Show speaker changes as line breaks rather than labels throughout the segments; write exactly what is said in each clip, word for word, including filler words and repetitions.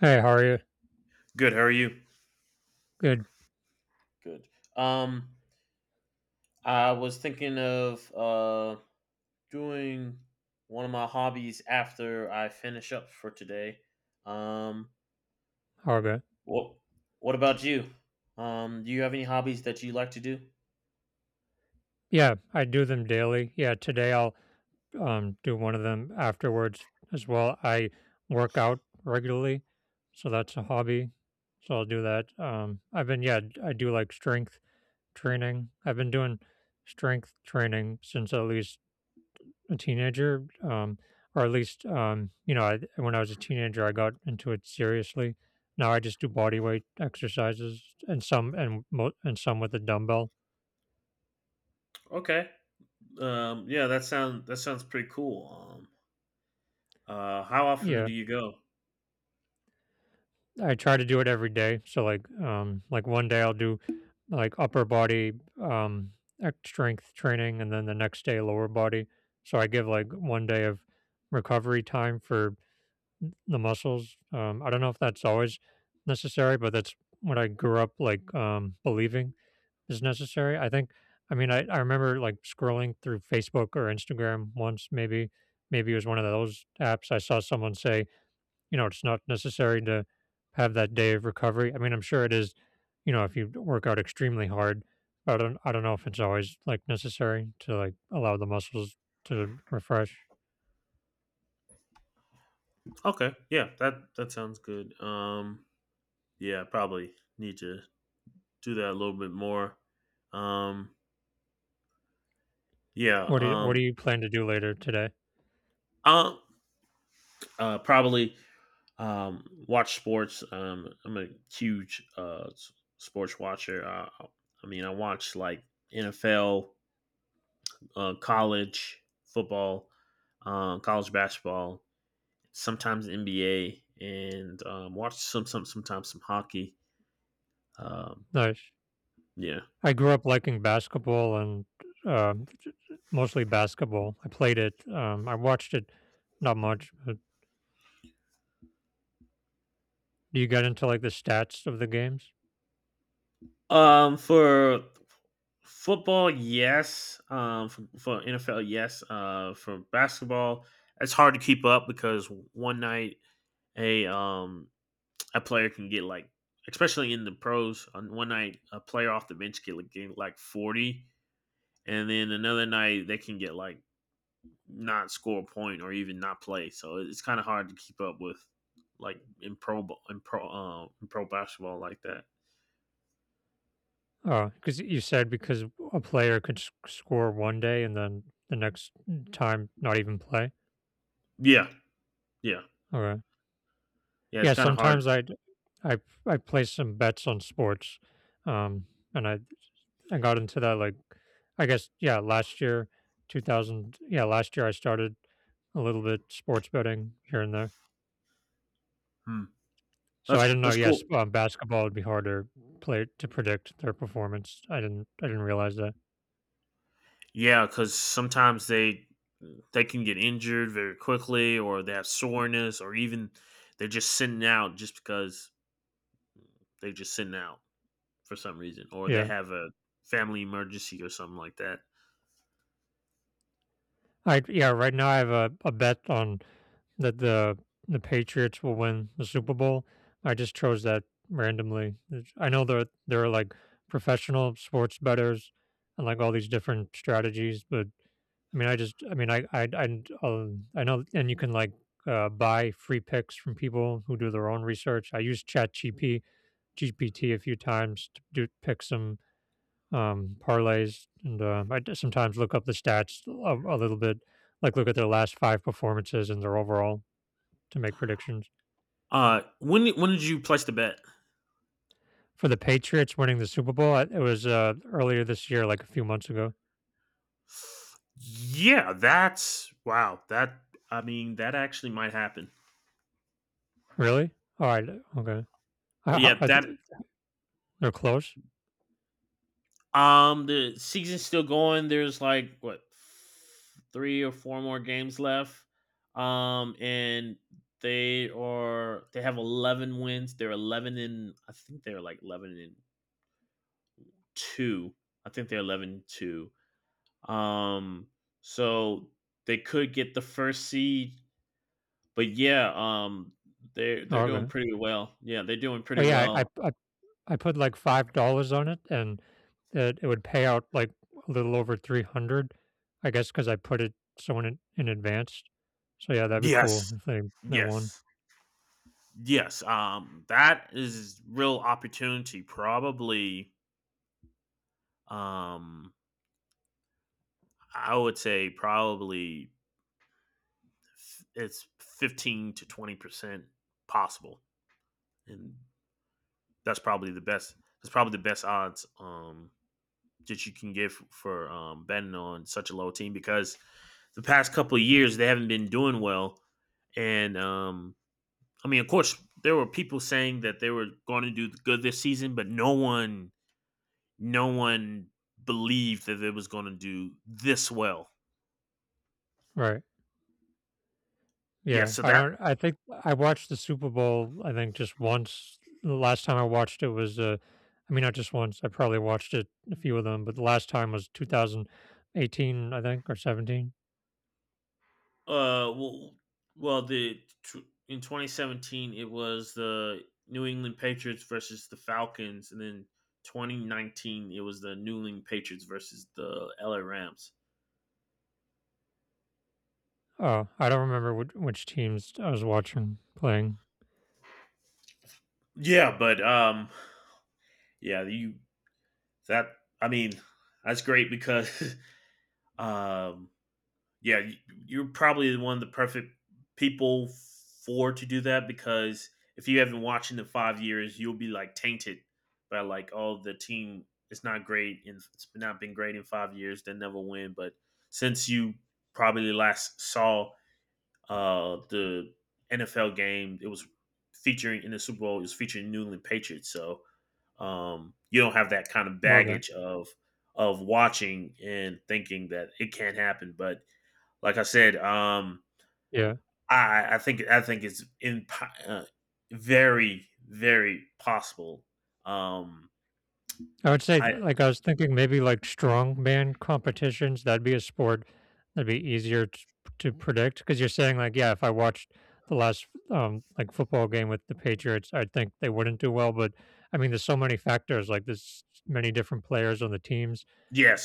Hey, how are you?
Good. How are you?
Good.
Good. Um, I was thinking of uh doing one of my hobbies after I finish up for today. Um,
How about?
what what about you? Um, do you have any hobbies that you like to do?
Yeah, I do them daily. Yeah, today I'll um do one of them afterwards as well. I work out regularly, so that's a hobby. So I'll do that. Um, I've been yeah, I do like strength training. I've been doing strength training since at least a teenager. Um, or at least um, you know, I, when I was a teenager, I got into it seriously. Now I just do body weight exercises and some and mo- and some with a dumbbell.
Okay. Um, yeah, that sound that sounds pretty cool. Um, uh, how often do
Yeah.
you go?
I try to do it every day. So like um like one day I'll do like upper body um ex- strength training and then the next day lower body. So I give like one day of recovery time for the muscles. Um I don't know if that's always necessary, but that's what I grew up like um believing is necessary. I think I mean I, I remember like scrolling through Facebook or Instagram once maybe maybe it was one of those apps I saw someone say you know, it's not necessary to have that day of recovery. I mean, I'm sure it is, you know, if you work out extremely hard, but I don't I don't know if it's always like necessary to like allow the muscles to refresh.
Okay. Yeah, that that sounds good. Um, yeah, probably need to do that a little bit more. Um, yeah.
What do you what
Um,
do you plan to do later today?
uh, Uh, probably um, watch sports. Um, I'm a huge uh, s- sports watcher. Uh, I mean, I watch like N F L, uh, college football, um, college basketball, sometimes N B A, and um, watch some some sometimes some hockey. Um,
Nice.
yeah.
I grew up liking basketball and um, mostly basketball. I played it. Um, I watched it not much, but do you get into like the stats of the games?
Um, for football, yes. Um, for, for N F L, yes. Uh, for basketball, it's hard to keep up because one night a um a player can get like, especially in the pros, on one night a player off the bench can get like forty, and then another night they can get like not score a point or even not play. So it's kind of hard to keep up with, like in pro in pro uh, in pro basketball like that.
Oh, because you said because a player could s- score one day and then the next time not even play.
Yeah, yeah,
Okay.
yeah. It's
Yeah,
kind of hard.
sometimes I I I place some bets on sports, um, and I I got into that like I guess yeah, last year, two thousand yeah, last year I started a little bit sports betting here and there.
Hmm.
So
That's
I didn't know
that's cool.
yes, um, basketball would be harder play to predict their performance. I didn't I didn't realize that.
Yeah, because sometimes they they can get injured very quickly, or they have soreness, or even they're just sitting out just because they're just sitting out. for some reason, or they
Yeah.
have a family emergency or something like that.
I yeah, right now I have a, a bet on that the the Patriots will win the Super Bowl. I just chose that randomly. It's- I know that there are like professional sports bettors and like all these different strategies, but I mean, I just, I mean, I, I, I, um, I know, and you can like uh, buy free picks from people who do their own research. I use Chat G P G P T a few times to do pick some um, parlays, and uh, I d- sometimes look up the stats a, a little bit, like look at their last five performances and their overall to make predictions.
Uh, when when did you place the bet?
For the Patriots winning the Super Bowl, I- it was uh, earlier this year, like a few months ago.
Yeah, that's wow. That I mean, that actually might happen.
Really? All right. Okay. How-
Yeah,
how- are
that
they- they're close.
Um, the season's still going. There's like, what, three or four more games left. Um, and they are they have eleven wins. They're eleven, and I think they're like eleven and two. I think they're eleven and two. Um, so they could get the first seed, but yeah, um, they're they're
Oh,
doing
okay.
pretty well. Yeah, they're doing
Oh
pretty
yeah, I,
well.
I I put like five dollars on it and it, it would pay out like a little over three hundred, I guess, because I put it so in, in advance. So yeah, that'd be cool
Yes.
if they, they won.
Yes. Yes, um, that is real opportunity. Probably, um, I would say probably f- it's fifteen to twenty percent possible, and that's probably the best. That's probably the best odds um, that you can give for um, betting on such a low team because the past couple of years they haven't been doing well, and um, I mean, of course, there were people saying that they were going to do good this season, but no one no one believed that it was going to do this well.
Right.
Yeah,
Yeah.
so
I
that
don't, I think I watched the Super Bowl, I think just once. The last time I watched it was, uh, I mean, not just once. I probably watched it a few of them, but the last time was two thousand eighteen, I think, or seventeen.
uh well, well the in twenty seventeen it was the New England Patriots versus the Falcons, and then twenty nineteen it was the New England Patriots versus the L A Rams.
Oh, I don't remember which, which teams I was watching playing.
Yeah, but um yeah, you that I mean, that's great because um yeah, y you're probably one of the perfect people for to do that, because if you haven't watched in the five years, you'll be, like, tainted by, like, "Oh, the team is not great and it's not been great in five years. they never win." But since you probably last saw, uh, the N F L game, it was featuring in the Super Bowl, it was featuring New England Patriots, so, um, you don't have that kind of
Okay.
baggage of of watching and thinking that it can't happen, but like I said, um,
Yeah.
I I think I think it's in uh, very very possible. Um,
I would say,
I
like, I was thinking maybe like strongman competitions. That'd be a sport that'd be easier to, to predict because you're saying, like, yeah, if I watched the last um like football game with the Patriots, I think they wouldn't do well. But I mean, there's so many factors. Like, there's many different players on the teams.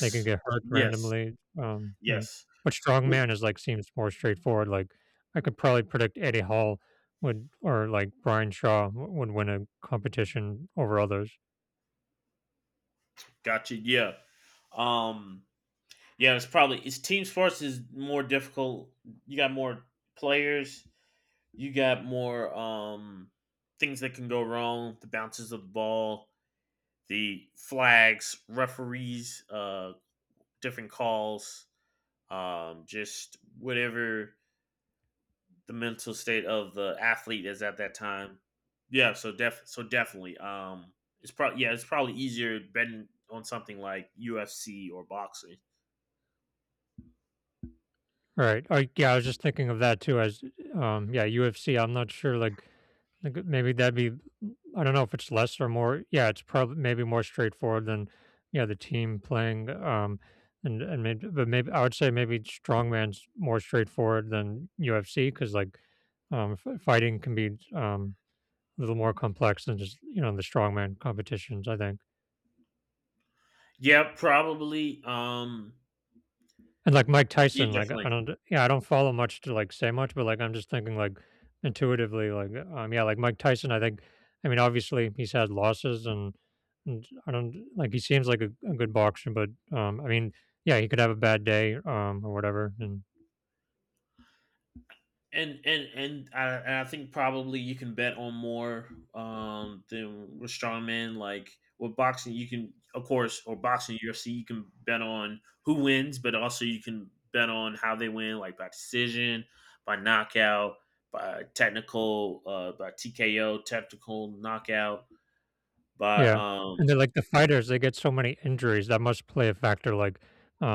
They can get hurt
yes,
randomly. Um, yeah.
yes.
But
Would
strongman is like seems more straightforward. Like, I could probably predict Eddie Hall would or like Brian Shaw w- would win a competition over others.
Gotcha. Yeah. Um, yeah, it's probably it's team sports is more difficult. You got more players. You got more um things that can go wrong. The bounces of the ball, the flags, referees, uh, different calls. Um, just whatever the mental state of the athlete is at that time. Yeah, so def so definitely. Um, it's probably Yeah, it's probably easier betting on something like U F C or boxing.
Right. Oh, yeah, I was just thinking of that too as um yeah, U F C. I'm not sure like like, maybe that'd be I don't know if it's less or more. Yeah, it's probably maybe more straightforward than yeah, the team playing um and and maybe but maybe I would say maybe strongman's more straightforward than U F C cuz like um f- fighting can be um a little more complex than just, you know, the strongman competitions, I think.
Yeah, probably. Um,
And like Mike
yeah,
Tyson, like
definitely.
I don't, yeah, I don't follow much to like say much, but like I'm just thinking like intuitively, like um, yeah, like Mike Tyson, I think, I mean, obviously he's had losses, and, and I don't like he seems like a, a good boxer, but um, I mean, yeah, he could have a bad day, um, or whatever, and
and and and I, and I think probably you can bet on more um than with strongman. Like with boxing, you can, of course, or boxing U F C, you can bet on who wins, but also you can bet on how they win, like by decision, by knockout, by technical, uh, by T K O, technical knockout, by
Yeah, and
um.
then, like, the fighters, they get so many injuries that must play a factor, like,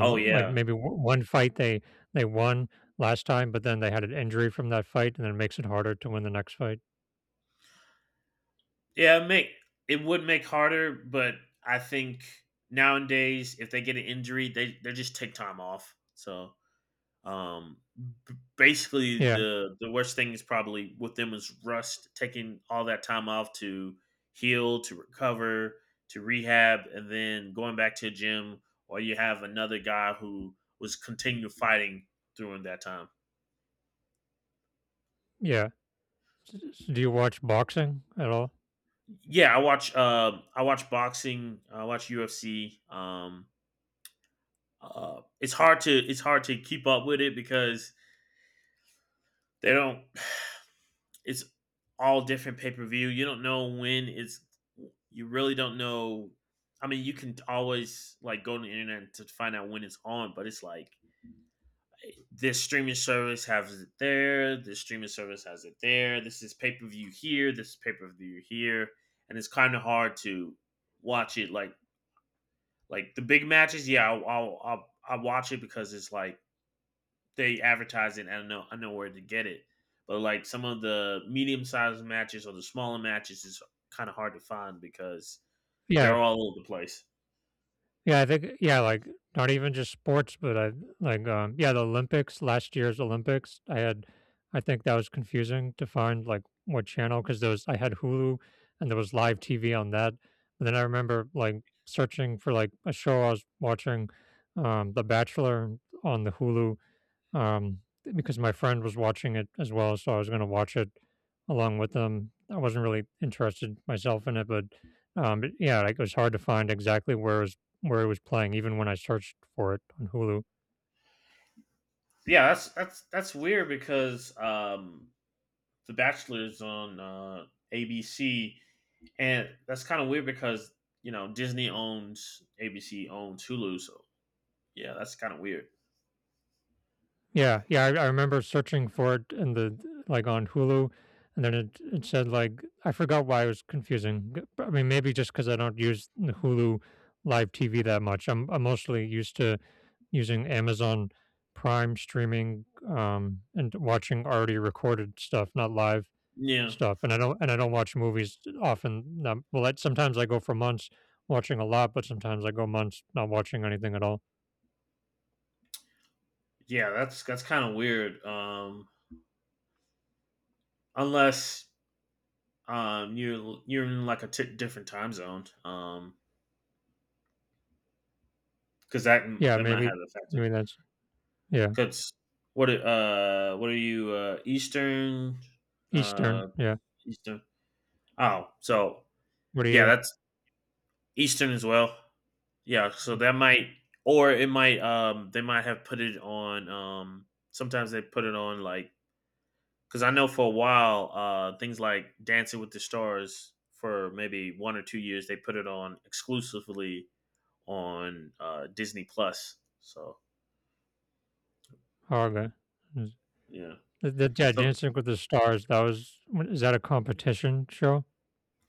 Oh
like
yeah,
maybe w- one fight they they won last time, but then they had an injury from that fight, and then it makes it harder to win the next fight.
yeah. it Make it would make harder, but I think nowadays if they get an injury, they they just take time off. So Um, b- basically,
Yeah,
the the worst thing is probably with them is rust, taking all that time off to heal, to recover, to rehab, and then going back to a gym. Or you have another guy who was continue fighting during that time.
yeah. S s Do you watch boxing at all?
Yeah, I watch. Um, I watch boxing. I watch U F C. Um, uh, it's hard to it's hard to keep up with it because they don't it's all different pay per view. You don't know when it's. You really don't know. I mean, you can always like go to the internet to find out when it's on, but it's like this streaming service has it there. This streaming service has it there. This is pay per view here. This is pay per view here, and it's kind of hard to watch it. Like like the big matches, yeah, I'll I'll, I'll, I'll watch it because it's like they advertise it. I don't know I know where to get it, but like some of the medium sized matches or the smaller matches is kind of hard to find because they're
Yeah.
all over the place.
Yeah, I think yeah, like not even just sports, but I like um yeah, the Olympics, last year's Olympics, I had I think that was confusing to find like what channel because there was I had Hulu and there was live T V on that. But then I remember like searching for like a show I was watching um The Bachelor on the Hulu um, because my friend was watching it as well, so I was going to watch it along with them. I wasn't really interested myself in it, but um, it, yeah, like it was hard to find exactly where it was where it was playing, even when I searched for it on Hulu.
Yeah, that's that's that's weird because um, the Bachelor's on uh, A B C, and that's kind of weird because, you know, Disney owns A B C owns Hulu, so yeah, that's kind of weird.
Yeah, yeah, I, I remember searching for it in the like on Hulu, and then it it said like I forgot why it was confusing. G- I mean, maybe just because I don't use the Hulu live T V that much. I'm I'm mostly used to using Amazon Prime streaming um, and watching already recorded stuff, not live
Yeah,
stuff. And I don't and I don't watch movies often. Um, well, that sometimes I go for months watching a lot, but sometimes I go months not watching anything at all.
yeah, that's that's kind of weird. Um, unless Um, you're you're in like a t- different time zone. Um, because that
Yeah,
that might have
maybe
a factor.
maybe that's yeah
Because what are- uh what are you, uh Eastern?
Eastern.
uh
Yeah,
Eastern? Oh, so
what are
yeah,
you?
that's Eastern as well. Yeah, so that might or it might um they might have put it on. Um sometimes they put it on like because I know for a while uh things like Dancing with the Stars for maybe one or two years they put it on exclusively on uh, Disney Plus. So
Haga. Is-
yeah,
That, that, yeah,
so
Dancing with the Stars. That was what- is that a competition show?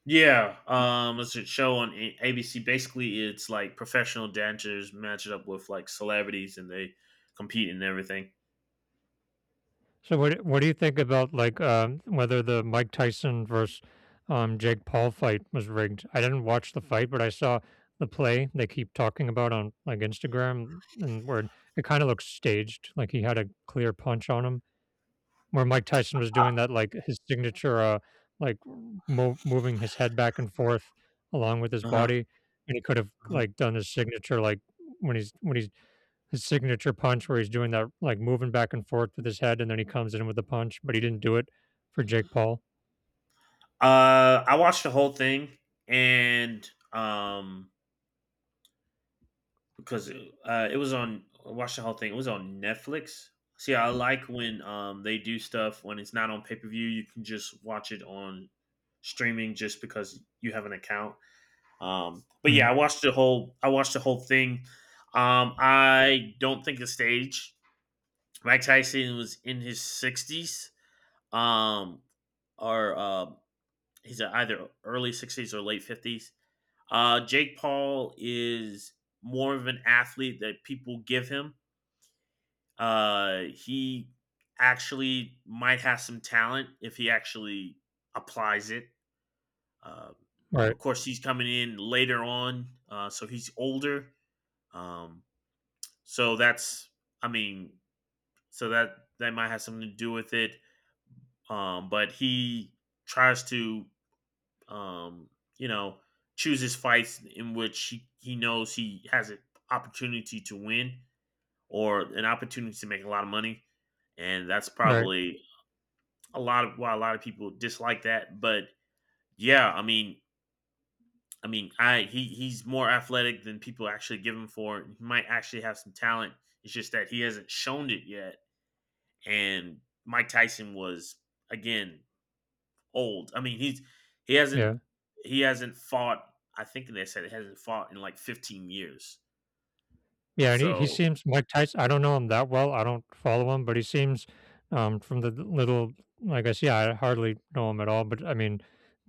yeah, um, it's a show on A- ABC. Basically, it's like professional dancers match it up with like celebrities, and they compete and everything.
So what what do you think about like um, whether the Mike Tyson versus um, Jake Paul fight was rigged? I didn't watch the fight, but I saw the play they keep talking about on like Instagram, and where it, it kind of looks staged, like he had a clear punch on him, where Mike Tyson was
Uh
doing that like his signature, uh, like mo- moving his head back and forth along with his
huh.
body, and he could have
Uh-huh.
like done his signature like when he's when he's his signature punch where he's doing that like moving back and forth with his head and then he comes in with the punch, but he didn't do it for Jake Paul.
Uh, I watched the whole thing, and um, because uh, it was on, I watched the whole thing. It was on Netflix. See, I like when um they do stuff when it's not on pay per view. You can just watch it on streaming just because you have an account. Um, but
Mm,
yeah, I watched the whole. I watched the whole thing. Um, I don't think it's staged. Mike Tyson was in his sixties, um, or uh, he's either early sixties or late fifties. Uh, Jake Paul is more of an athlete that people give him. Uh, he actually might have some talent if he actually applies it. Uh,
right,
of course, he's coming in later on, uh, so he's older. Um, So that's I mean, so that that might have something to do with it. Um, but he tries to um, you know, choose his fights in which he, he knows he has an opportunity to win or an opportunity to make a lot of money. And that's
right,
probably a lot of why a lot of people dislike that. But yeah, I mean I mean I he he's more athletic than people actually give him for. He might actually have some talent. It's just that he hasn't shown it yet, and Mike Tyson was, again, old. I mean, he's he hasn't
yeah.
he hasn't fought. I think they said he hasn't fought in like fifteen years.
Yeah, and he, he
So
seems Mike Tyson. I don't know him that well. I don't follow him, but he seems um, from the d- little, I guess, yeah, I hardly know him at all. But I mean,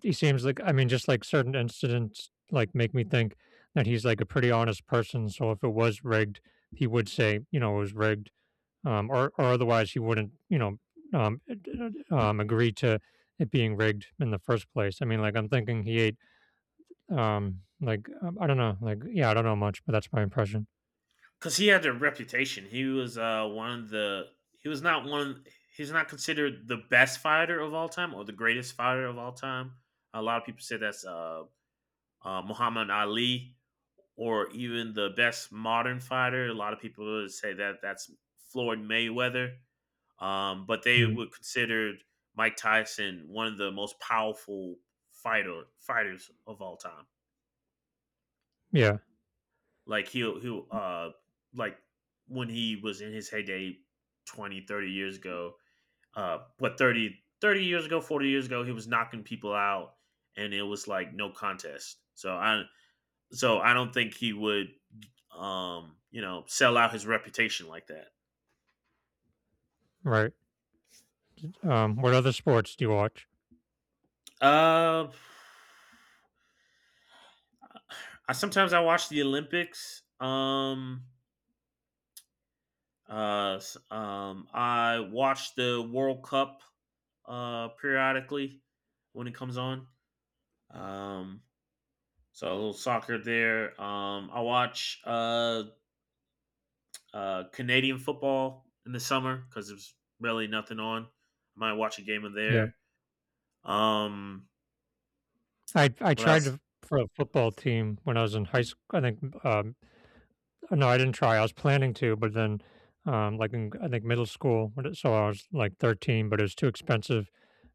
he seems like, I mean, just like certain incidents, like make me think that he's like a pretty honest person. So if it was rigged, he would say, you know, it was rigged, um, or or otherwise he wouldn't, you know, um, um, agree to it being rigged in the first place. I mean, like I'm thinking he ate, um, like um, I don't know, like yeah, I don't know much, but that's my impression.
because he had a reputation, he was uh, one of the he was not one. He's not considered the best fighter of all time or the greatest fighter of all time. A lot of people say that's uh, uh, Muhammad Ali, or even the best modern fighter. A lot of people would say that that's Floyd Mayweather. Um, but they
Mm.
would consider Mike Tyson one of the most powerful fighter fighters of all time.
Yeah.
Like he'll he'll uh like when he was in his heyday twenty, thirty years ago, uh what thirty, thirty years ago, forty years ago, he was knocking people out, and it was like no contest. So I so I don't think he would um, you know, sell out his reputation like that.
Right. Um, what other sports do you watch?
Uh I Sometimes I watch the Olympics. Um Uh, s- um, I watch the World Cup uh, periodically when it comes on. Um, so a little soccer there. Um, I watch uh, uh, Canadian football in the summer because there's really nothing on. I might watch a game of
Yeah.
there. Um,
I I
what
tried
else?
to for a football team when I was in high school. I think um no, I didn't try. I was planning to, but then um like in I think middle school, when it- so I was like thirteen, but it was too expensive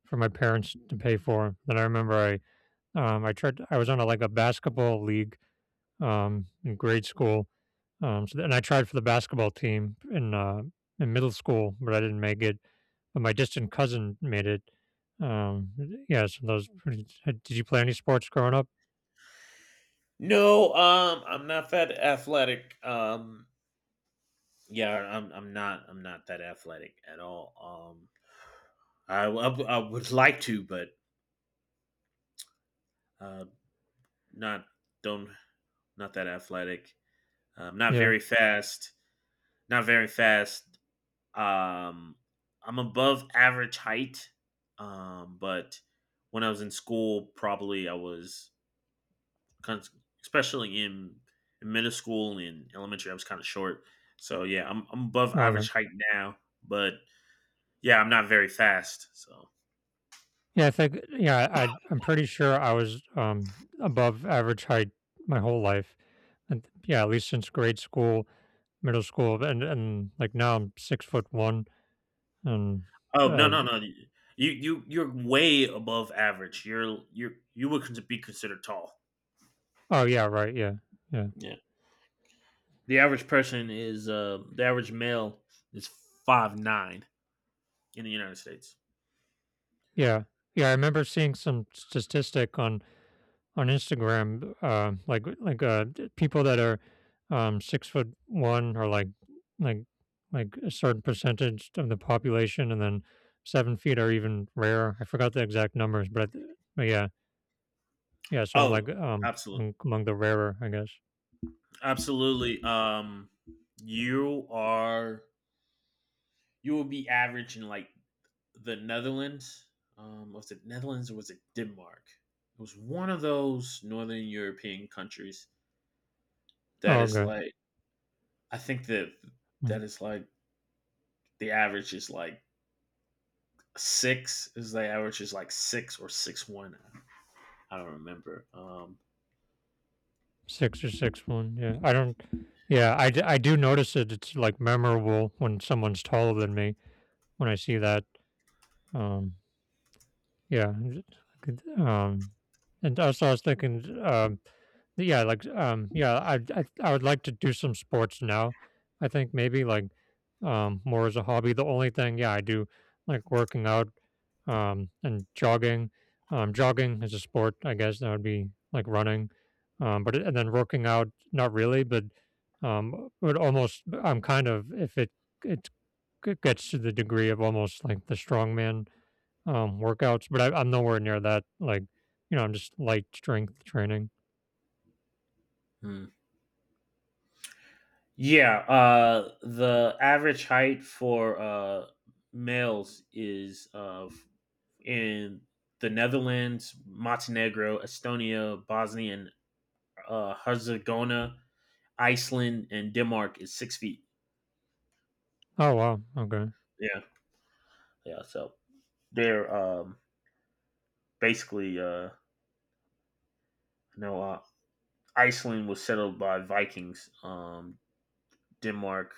for my parents to pay for. Then I remember I um I tried I was on a, like a basketball league um in grade school. Um so, and I tried for the basketball team in uh in middle school, but I didn't make it. But my distant cousin made it. Um, yeah, so those pretty. uh, Did you play any sports growing up?
No, um, I'm not that athletic. Um, yeah, I'm, I'm not. I'm not that athletic at all. Um, I, I, I would like to, but uh, not don't not that athletic. Um, not
Yeah.
very fast. Not very fast. Um, I'm above average height. Um, but when I was in school, probably I was, especially in, in middle school and elementary, I was kind of short. So yeah, I'm I'm above
Okay.
average height now, but yeah, I'm not very fast. So
Yeah, I think yeah, I I'm pretty sure I was um above average height my whole life. And yeah, at least since grade school, middle school, and and like now I'm six foot one. And
oh no
uh,
no no, you you you're way above average. You're you you would con- be considered tall.
oh yeah, right, yeah, yeah.
Yeah. The average person is uh, the average male is five nine in the United States.
Yeah. Yeah, I remember seeing some statistic on on Instagram, uh, like like uh, d- people that are um, six foot one are like like like a certain percentage of the population, and then seven feet are even rare. I forgot the exact numbers, but, I th- but yeah, yeah. So I'm
Oh,
like um
absolutely,
among, among the rarer, I guess.
absolutely. Um, you are you will be average in like the Netherlands. Um, was it Netherlands or was it Denmark? It was one of those northern European countries that
Oh,
is
okay.
like I think that that
Mm.
is like the average is like six is the average is like six or six one. I don't remember. Um,
Six or six one. Yeah, I don't. Yeah, I, d- I do notice it. It's like memorable when someone's taller than me when I see that. Um, Yeah, and it I could, um, and also I was thinking, um, yeah, like, um, yeah, I, I, I would like to do some sports now. I think maybe like, um, more as a hobby. The only thing, yeah, I do like working out, um, and jogging. Um, jogging is a sport, I guess that would be like running. Um, but it- and then working out, not really, but um, would almost. I'm kind of if it it g- gets to the degree of almost like the strongman um, workouts, but I, I'm nowhere near that. Like, you know, I'm just light strength training.
hmm. Yeah, uh, the average height for uh, males is uh, f- in the Netherlands, Montenegro, Estonia, Bosnia and uh, Herzegovina, Iceland, and Denmark is six feet.
Oh wow, okay.
Yeah, yeah. So they're um, basically, uh, you uh, Iceland was settled by Vikings, um, Denmark,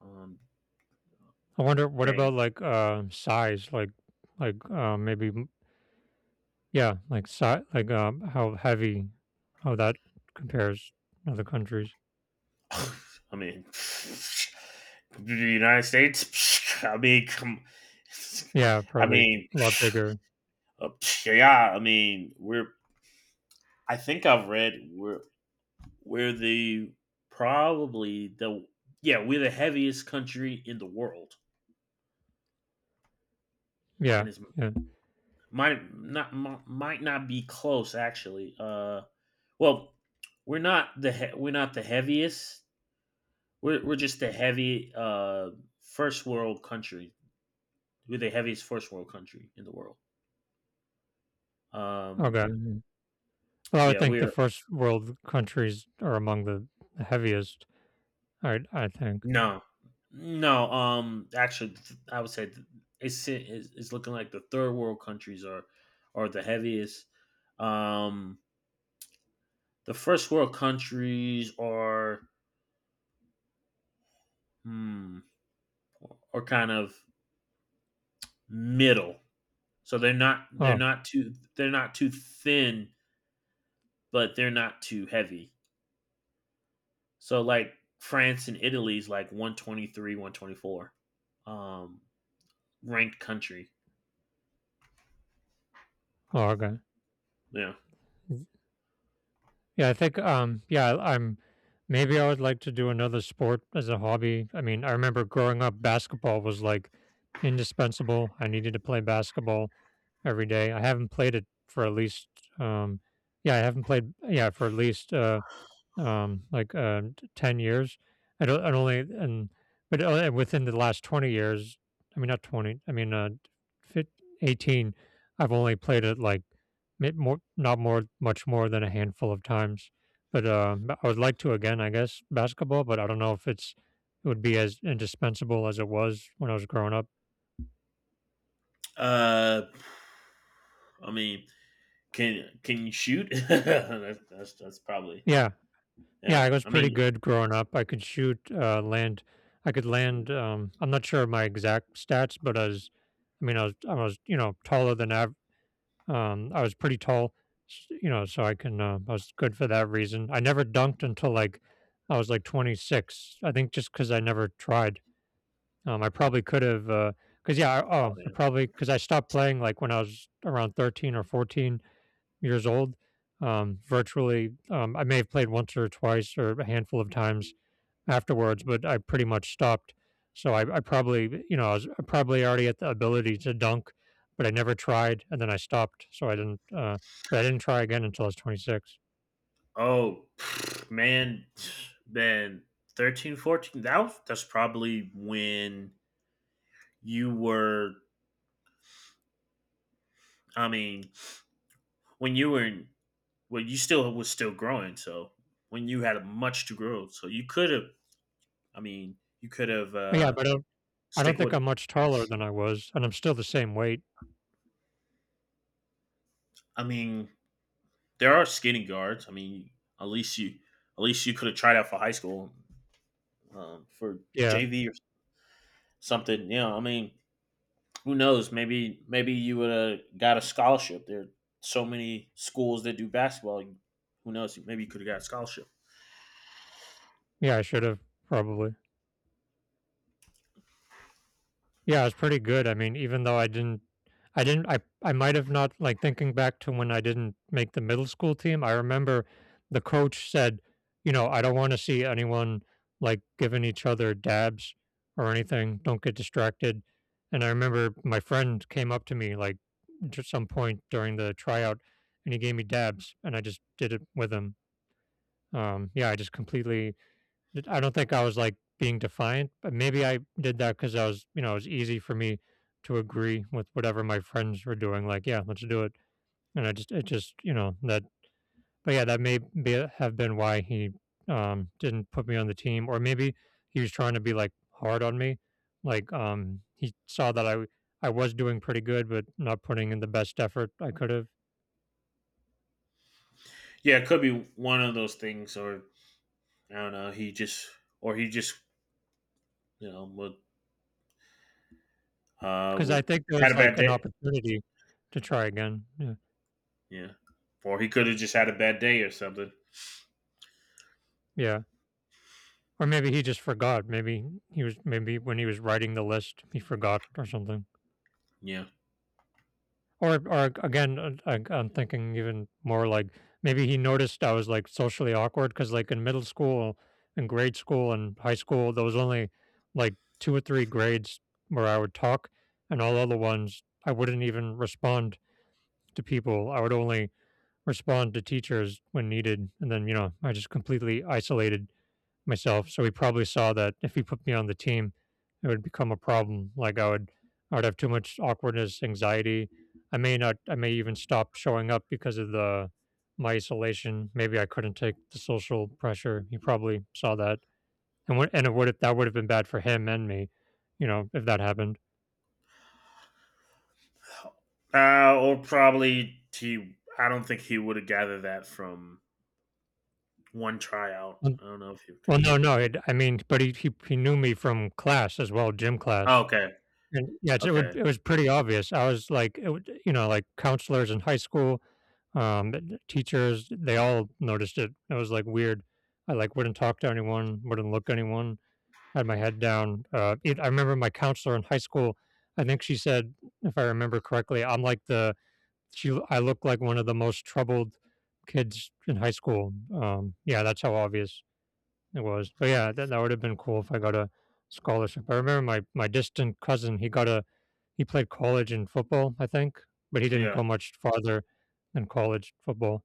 um,
I wonder what about
Danes.
like uh size, like like uh, maybe m- yeah, like si- like um, how heavy, how that compares to other countries.
I mean, the United States. I mean, come,
Yeah,
I
probably a
mean,
lot bigger.
uh, yeah. I mean, we're. I think I've read we're we're the probably the yeah we're the heaviest country in the world, and
Yeah,
it's
yeah.
might not mi- might not be close actually. Uh, well, we're not the he- we're not the heaviest. We're we're just the heavy uh first world country. We're the heaviest first world country in the world. Um,
Okay. Well, I would
yeah,
think the
we're
first world countries are among the, the heaviest. I I think.
no, no. Um, actually, th- I would say th- it's it's it's looking like the third world countries are are the heaviest. Um, the first world countries are hmm, are kind of middle, so they're not they're
Oh,
not too they're not too thin, but they're not too heavy. So like France and Italy's like one twenty three, one twenty four. Um, ranked country.
oh, okay.
Yeah.
Yeah, I think um yeah, I'm maybe I would like to do another sport as a hobby. I mean, I remember growing up basketball was like indispensable. I needed to play basketball every day. I haven't played it for at least um yeah, I haven't played yeah, for at least uh um, like uh, t- ten years. I don't, I don't only, and, but uh, within the last twenty years, I mean, not twenty, I mean, uh, fif- eighteen, I've only played it like ma- more, not more, much more than a handful of times. But uh, b- I would like to again, I guess, basketball, but I don't know if it's, it would be as indispensable as it was when I was growing up.
Uh, I mean, can can you shoot? that's, that's that's probably
Yeah. Yeah,
yeah.
I was
I
pretty
mean,
good growing up. I could shoot, uh, land. I could
oh,
land. Um, I'm not sure of my exact stats, but I was, I mean, I was, I was, you know, taller than av- um, I was pretty tall, s- you know, so I can, uh, I was good for that reason. I never dunked until like I was like twenty-six. I think just because I never tried. Um, I probably could have, uh, because yeah, I, oh, I
yeah.
probably because I stopped playing like when I was around thirteen or fourteen years old. Um, virtually, um, I may have played once or twice or a handful of times afterwards, but I pretty much stopped. So I, I probably, you know, I was probably already at the ability to dunk, but I never tried, and then I stopped. So I didn't, uh, but I didn't try again until I was twenty-six.
Oh man, man, thirteen, fourteen. That was, that's probably when you were. I mean, when you were in, well, you still was still growing. So when you had much to grow, so you could have. I mean, you could have
Oh, yeah,
uh
but I don't, I
stick
don't think
with
I'm
it.
much taller than I was, and I'm still the same weight.
I mean, there are skating guards. I mean, at least you at least you could have tried out for high school, um, for
Yeah,
J V or something. You know, I mean, who knows? Maybe maybe you would have got a scholarship. There are so many schools that do basketball. Who knows? Maybe you could have got a scholarship.
yeah, I should have probably. Yeah, it was pretty good. I mean, even though I didn't I didn't I I might have not like thinking back to when I didn't make the middle school team, I remember the coach said, you know, "I don't wanna see anyone, like, giving each other dabs or anything, don't get distracted," and I remember my friend came up to me, like, at some point during the tryout, and he gave me dabs, and I just did it with him. Um, yeah, I just completely I don't think I was like being defiant, but maybe I did that because I was, you know, it was easy for me to agree with whatever my friends were doing. Like, yeah, let's do it. And I just, it just, you know, that, but yeah, that may be, have been why he um, didn't put me on the team. Or maybe he was trying to be like hard on me. Like, um, he saw that I I was doing pretty good, but not putting in the best effort I could have.
Yeah, it could be one of those things, or I don't know. He just or he just you know would, uh,
Cause
would
I think there
had
was
a bad
like an
day.
opportunity to try again. Yeah.
Yeah, or he could have just had a bad day or something.
Yeah. Or maybe he just forgot. Maybe he was maybe when he was writing the list, he forgot or something.
Yeah.
Or or again, uh, I, I'm thinking even more like maybe he noticed I was like socially awkward because like in middle school in grade school and high school, there was only like two or three grades where I would talk, and all other ones I wouldn't even respond to people. I would only respond to teachers when needed, and then you know I just completely isolated myself. So he probably saw that if he put me on the team, it would become a problem. Like I would, I would have too much awkwardness, anxiety. I may not, I may even stop showing up because of the my isolation. Maybe I couldn't take the social pressure. He probably saw that, and what, and it would have that would have been bad for him and me, you know, if that happened.
Uh, or probably he. I don't think he would have gathered that from one tryout.
Um,
I don't know if he.
Well, no, no, it, I mean, but he, he he knew me from class as well, gym
Oh,
class.
okay.
And yes, it
Okay.
would it was pretty obvious. I was like, it would, you know, like counselors in high school, um, th- teachers, they all noticed it. It was like weird. I like wouldn't talk to anyone, wouldn't look at anyone, had my head down. Uh, it, I remember my counselor in high school. I think she said, if I remember correctly, I'm like the she. I look like one of the most troubled kids in high school. Um, yeah, that's how obvious it was. But yeah, that that would have been cool if I got a scholarship. I remember my my distant cousin. He got a he played college and football, I think, but he didn't
Yeah.
go much farther than college football.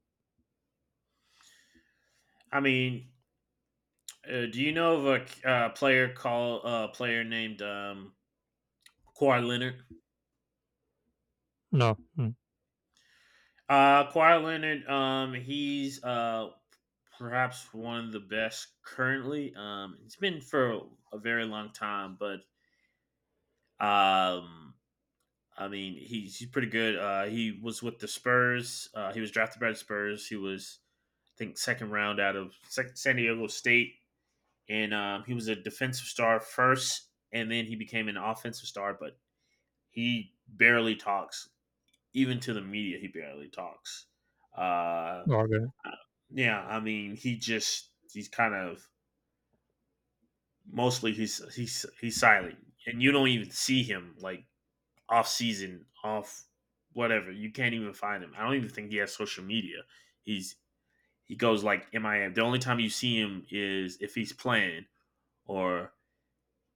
I mean, uh, do you know of a uh, player called a uh, player named um, Kawhi Leonard?
No, mm.
Uh, Kawhi Leonard. Um, he's uh perhaps one of the best currently. Um, it's been for a very long time, but um, I mean, he's he's pretty good. Uh, he was with the Spurs. Uh, he was drafted by the Spurs. He was, I think, second round out of San Diego State, and um, he was a defensive star first, and then he became an offensive star. But he barely talks, even to the media. He barely talks. Uh,
Okay,
yeah, I mean, he just he's kind of mostly he's he's he's silent, and you don't even see him like off season, off whatever. You can't even find him. I don't even think he has social media. He's he goes like M I M. The only time you see him is if he's playing or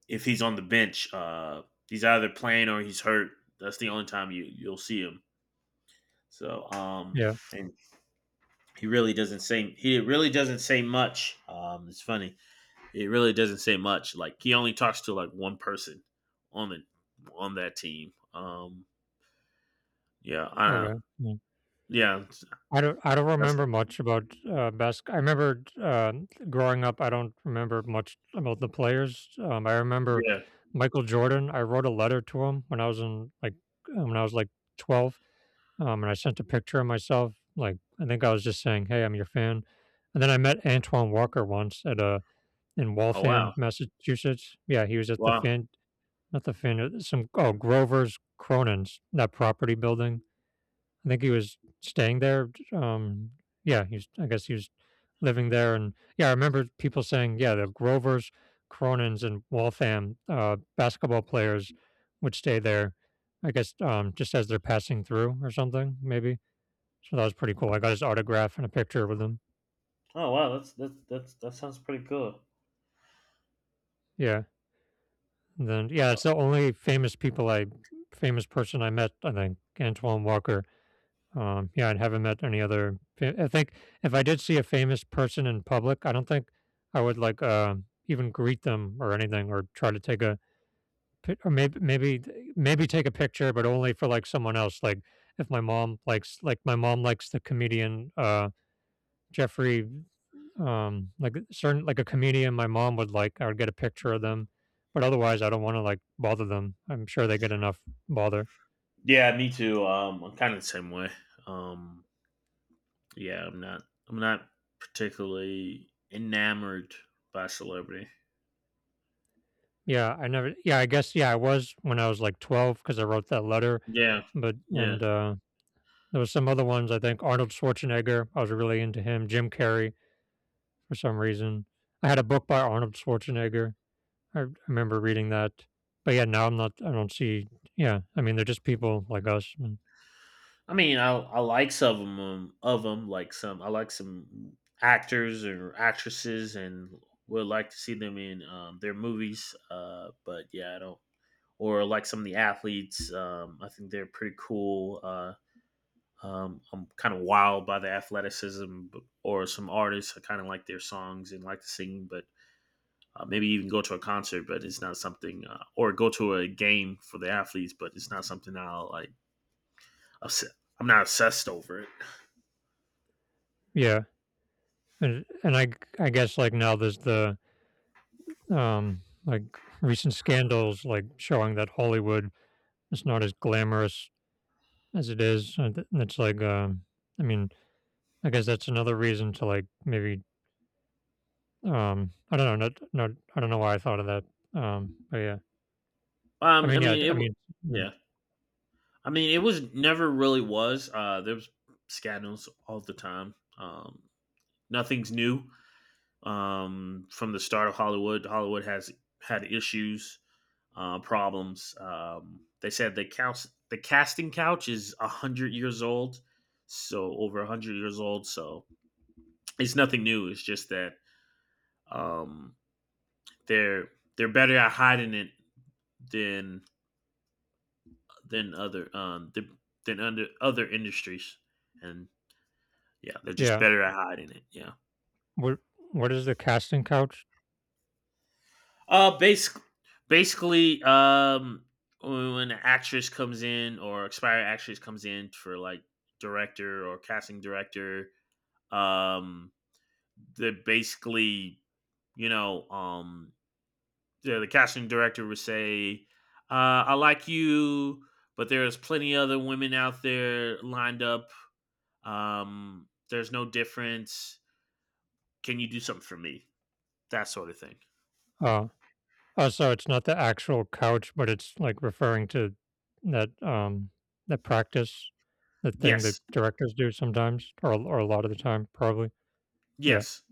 if he's on the bench. Uh, he's either playing or he's hurt. That's the only time you you'll see him. So um,
yeah,
and he really doesn't say he really doesn't say much. Um, it's funny. It really doesn't say much. Like he only talks to like one person on the on that team. Um, yeah, I
okay, mm.
yeah,
I don't I don't
that's
remember much about, uh, basket I remember uh, growing up, I don't remember much about the players, um, I remember
yeah.
Michael Jordan, I wrote a letter to him when I was in, like, uh, when I was, like, twelve, um, and I sent a picture of myself, like, I think I was just saying, "Hey, I'm your fan," and then I met Antoine Walker once at a in
Oh
Waltham,
wow.
Massachusetts. Yeah, he was at the
Wow.
Fan, not the Fan, uh, some oh Grover's Cronin's that property building. I think he was staying there. Um, yeah, he's I guess he was living there, and yeah, I remember people saying, yeah, the Grover's Cronin's in Waltham uh, basketball players would stay there. I guess um, just as they're passing through or something, maybe. So that was pretty cool. I got his autograph and a picture with him.
Oh wow. That's that's that's that sounds pretty cool.
Yeah. And then yeah,
Uh,
it's the only famous people I famous person I met. I think Antoine Walker. Um, yeah, I haven't met any other. I think if I did see a famous person in public, I don't think I would like uh, even greet them or anything, or try to take a pi- or maybe maybe maybe take a picture, but only for like someone else. Like if my mom likes like my mom likes the comedian uh, Jeffrey um, like uh, certain like a comedian my mom would like I would get a picture of them, but otherwise I don't want to like bother them. I'm sure they get enough bother.
yeah, me too. Um, I'm kind of the same way. Um, yeah, I'm not. I'm not particularly enamored by celebrity.
Yeah, I never yeah, I guess yeah, I was when I was like twelve because I wrote that letter,
Yeah,
but
yeah.
and uh there was some other ones I think Arnold Schwarzenegger, I was really into him, Jim Carrey for some reason. I had a book by Arnold Schwarzenegger. I r- remember reading that. But yeah, now I'm not I don't see yeah, I mean they're just people like us. And
I mean, I I like some of them. Of them, like some. I like some actors or actresses, and would like to see them in um, their movies. Uh, but yeah, I don't. Or like some of the athletes. Um, I think they're pretty cool. Uh, um, I'm kind of wild by the athleticism or some artists. I kind of like their songs and like to sing, but uh, maybe even go to a concert, but it's not something, uh, or go to a game for the athletes, but it's not something I'll like. Obs- I'm not obsessed over it.
yeah. And and I g- I guess like now there's the um, like recent scandals, like showing that Hollywood is not as glamorous as it is. And th- and it's like, um, I mean, I guess that's another reason to like maybe, um, I don't know, not, not, I don't know why I thought of that. Um, but yeah, I
Um, I
mean, yeah,
mean, it.
I
w-
mean, yeah.
Yeah, I mean, it was never really was. Uh, there was scandals all the time. Um, nothing's new. Um, from the start of Hollywood, Hollywood has had issues uh, problems. Um, they said the couch, the casting couch is one hundred years old, so over one hundred years old. So it's nothing new. It's just that um, they're they're better at hiding it than than other um, than under other industries, and yeah, they're just
Yeah.
better at hiding it. Yeah.
What, what is the casting couch?
Uh, basically, basically, um, when when an actress comes in or expired actress comes in for like director or casting director um, they basically, you know, um, the, the casting director would say, uh, "I like you, but there's plenty other women out there lined up. Um, there's no difference. Can you do something for me?" That sort of thing.
Um, Oh, so it's not the actual couch, but it's, like, referring to that, um, that practice, that thing that
Yes,
directors do sometimes or or a lot of the time, probably. Yeah,
yes,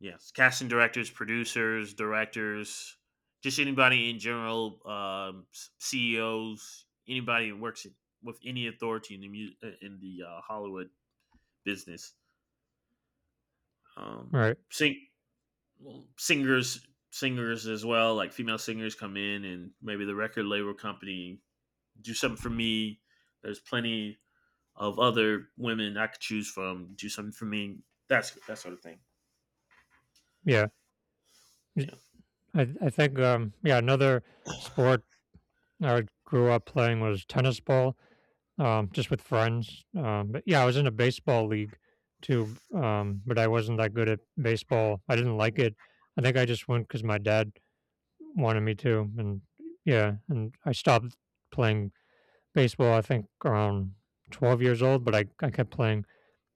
yes. Casting directors, producers, directors, just anybody in general, um, s- C E Os, anybody who works in, with any authority in the mu- uh, in the uh, Hollywood business. um,
right.
sing well, singers singers as well like female singers come in and maybe the record label company do something for me there's plenty of other women I could choose from do something for me that's that sort of thing
Yeah. It
yeah
I I think, um yeah, another sport I grew up playing was tennis ball, um, just with friends, um, but yeah, I was in a baseball league too, um, but I wasn't that good at baseball. I didn't like it. I think I just went because my dad wanted me to, and yeah, and I stopped playing baseball, I think around twelve years old, but I I kept playing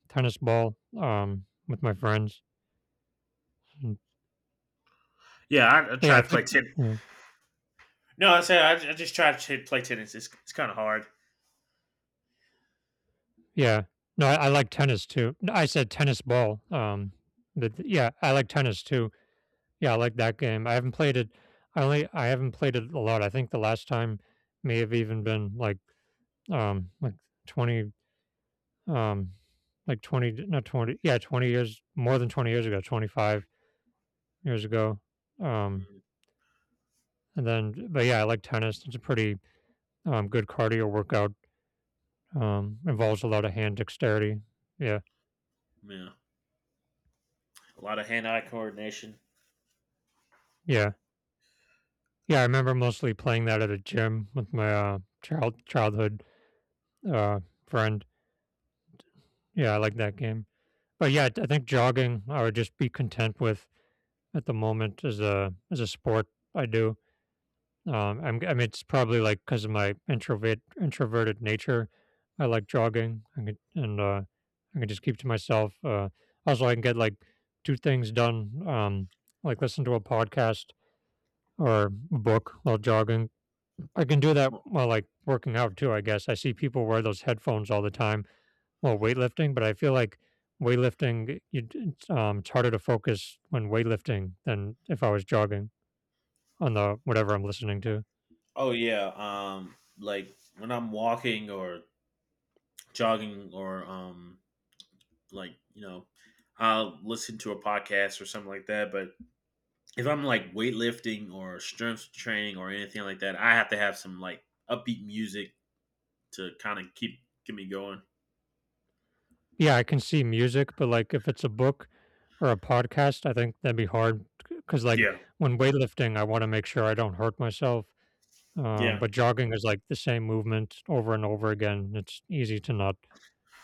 tennis ball, um, with my friends, and
yeah i, I
but yeah,
try
I
to play
think
tennis
mm,
no I say I, I just try to play tennis it's, it's kind of hard.
yeah. No, I I like tennis too. No, I said tennis ball, um, but th- yeah, I like tennis too. Yeah, I like that game. I haven't played it I only I haven't played it a lot. I think the last time may have even been like, um, like twenty um like twenty not twenty yeah twenty years more than twenty years ago twenty-five years ago. um
Mm,
and then but yeah I like tennis. It's a pretty um good cardio workout. Um involves a lot of hand dexterity. Yeah.
yeah a lot of hand-eye coordination.
Yeah. Yeah, I remember mostly playing that at a gym with my uh child childhood uh friend. Yeah, I
Mm.
like that game. But yeah I think jogging I would just be content with at the moment as a as a sport I do. Um, I'm, g- I am, I mean, it's probably like because of my introvert introverted nature. I like jogging. I could, and uh, I can just keep to myself. Uh, also, I can get like two things done. Um, like listen to a podcast or a book while jogging. I can do that
Well,
while like working out too. I guess I see people wear those headphones all the time while weightlifting, but I feel like weightlifting, you, it's, um, it's harder to focus when weightlifting than if I was jogging on the whatever I'm listening to.
oh yeah um like when I'm walking or jogging or um like you know I'll listen to a podcast or something like that. But if I'm like weightlifting or strength training or anything like that, I have to have some like upbeat music to kind of keep keep me going.
Yeah, I can see music, but like if it's a book or a podcast, I think that'd be hard because like
Yeah,
when weightlifting, I want to make sure I don't hurt myself. Um,
yeah,
but jogging is like the same movement over and over again. It's easy to not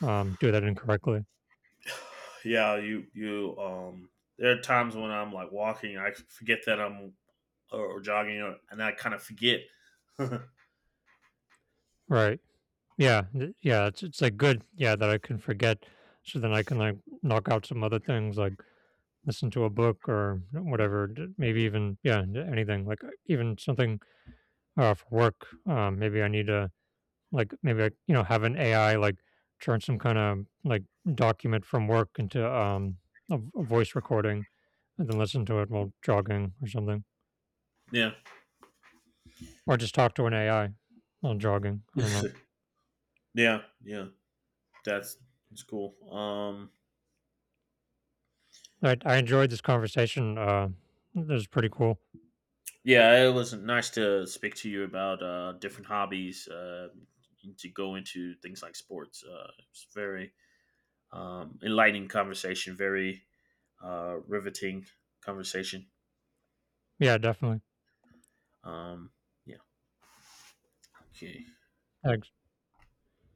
um, do that incorrectly.
yeah. You you um. There are times when I'm like walking, I forget that I'm or, or jogging, or, and I kind of forget.
Right. Yeah. th- Yeah. It's it's like good. Yeah, that I can forget, so then I can like knock out some other things, like listen to a book or whatever. d- Maybe even yeah, d- anything like uh, even something uh, for work. Um, maybe I need to like maybe I you know have an A I like turn some kind of like document from work into um a, v- a voice recording, and then listen to it while jogging or something,
yeah,
or just talk to an A I while jogging. I don't know.
yeah, yeah. That's that's cool. Um,
I I enjoyed this conversation. Uh, it was pretty cool.
yeah, it was nice to speak to you about uh, different hobbies uh, and to go into things like sports. Uh, it's very um, enlightening conversation, very uh, riveting conversation.
Yeah, definitely.
Um, yeah. Okay.
I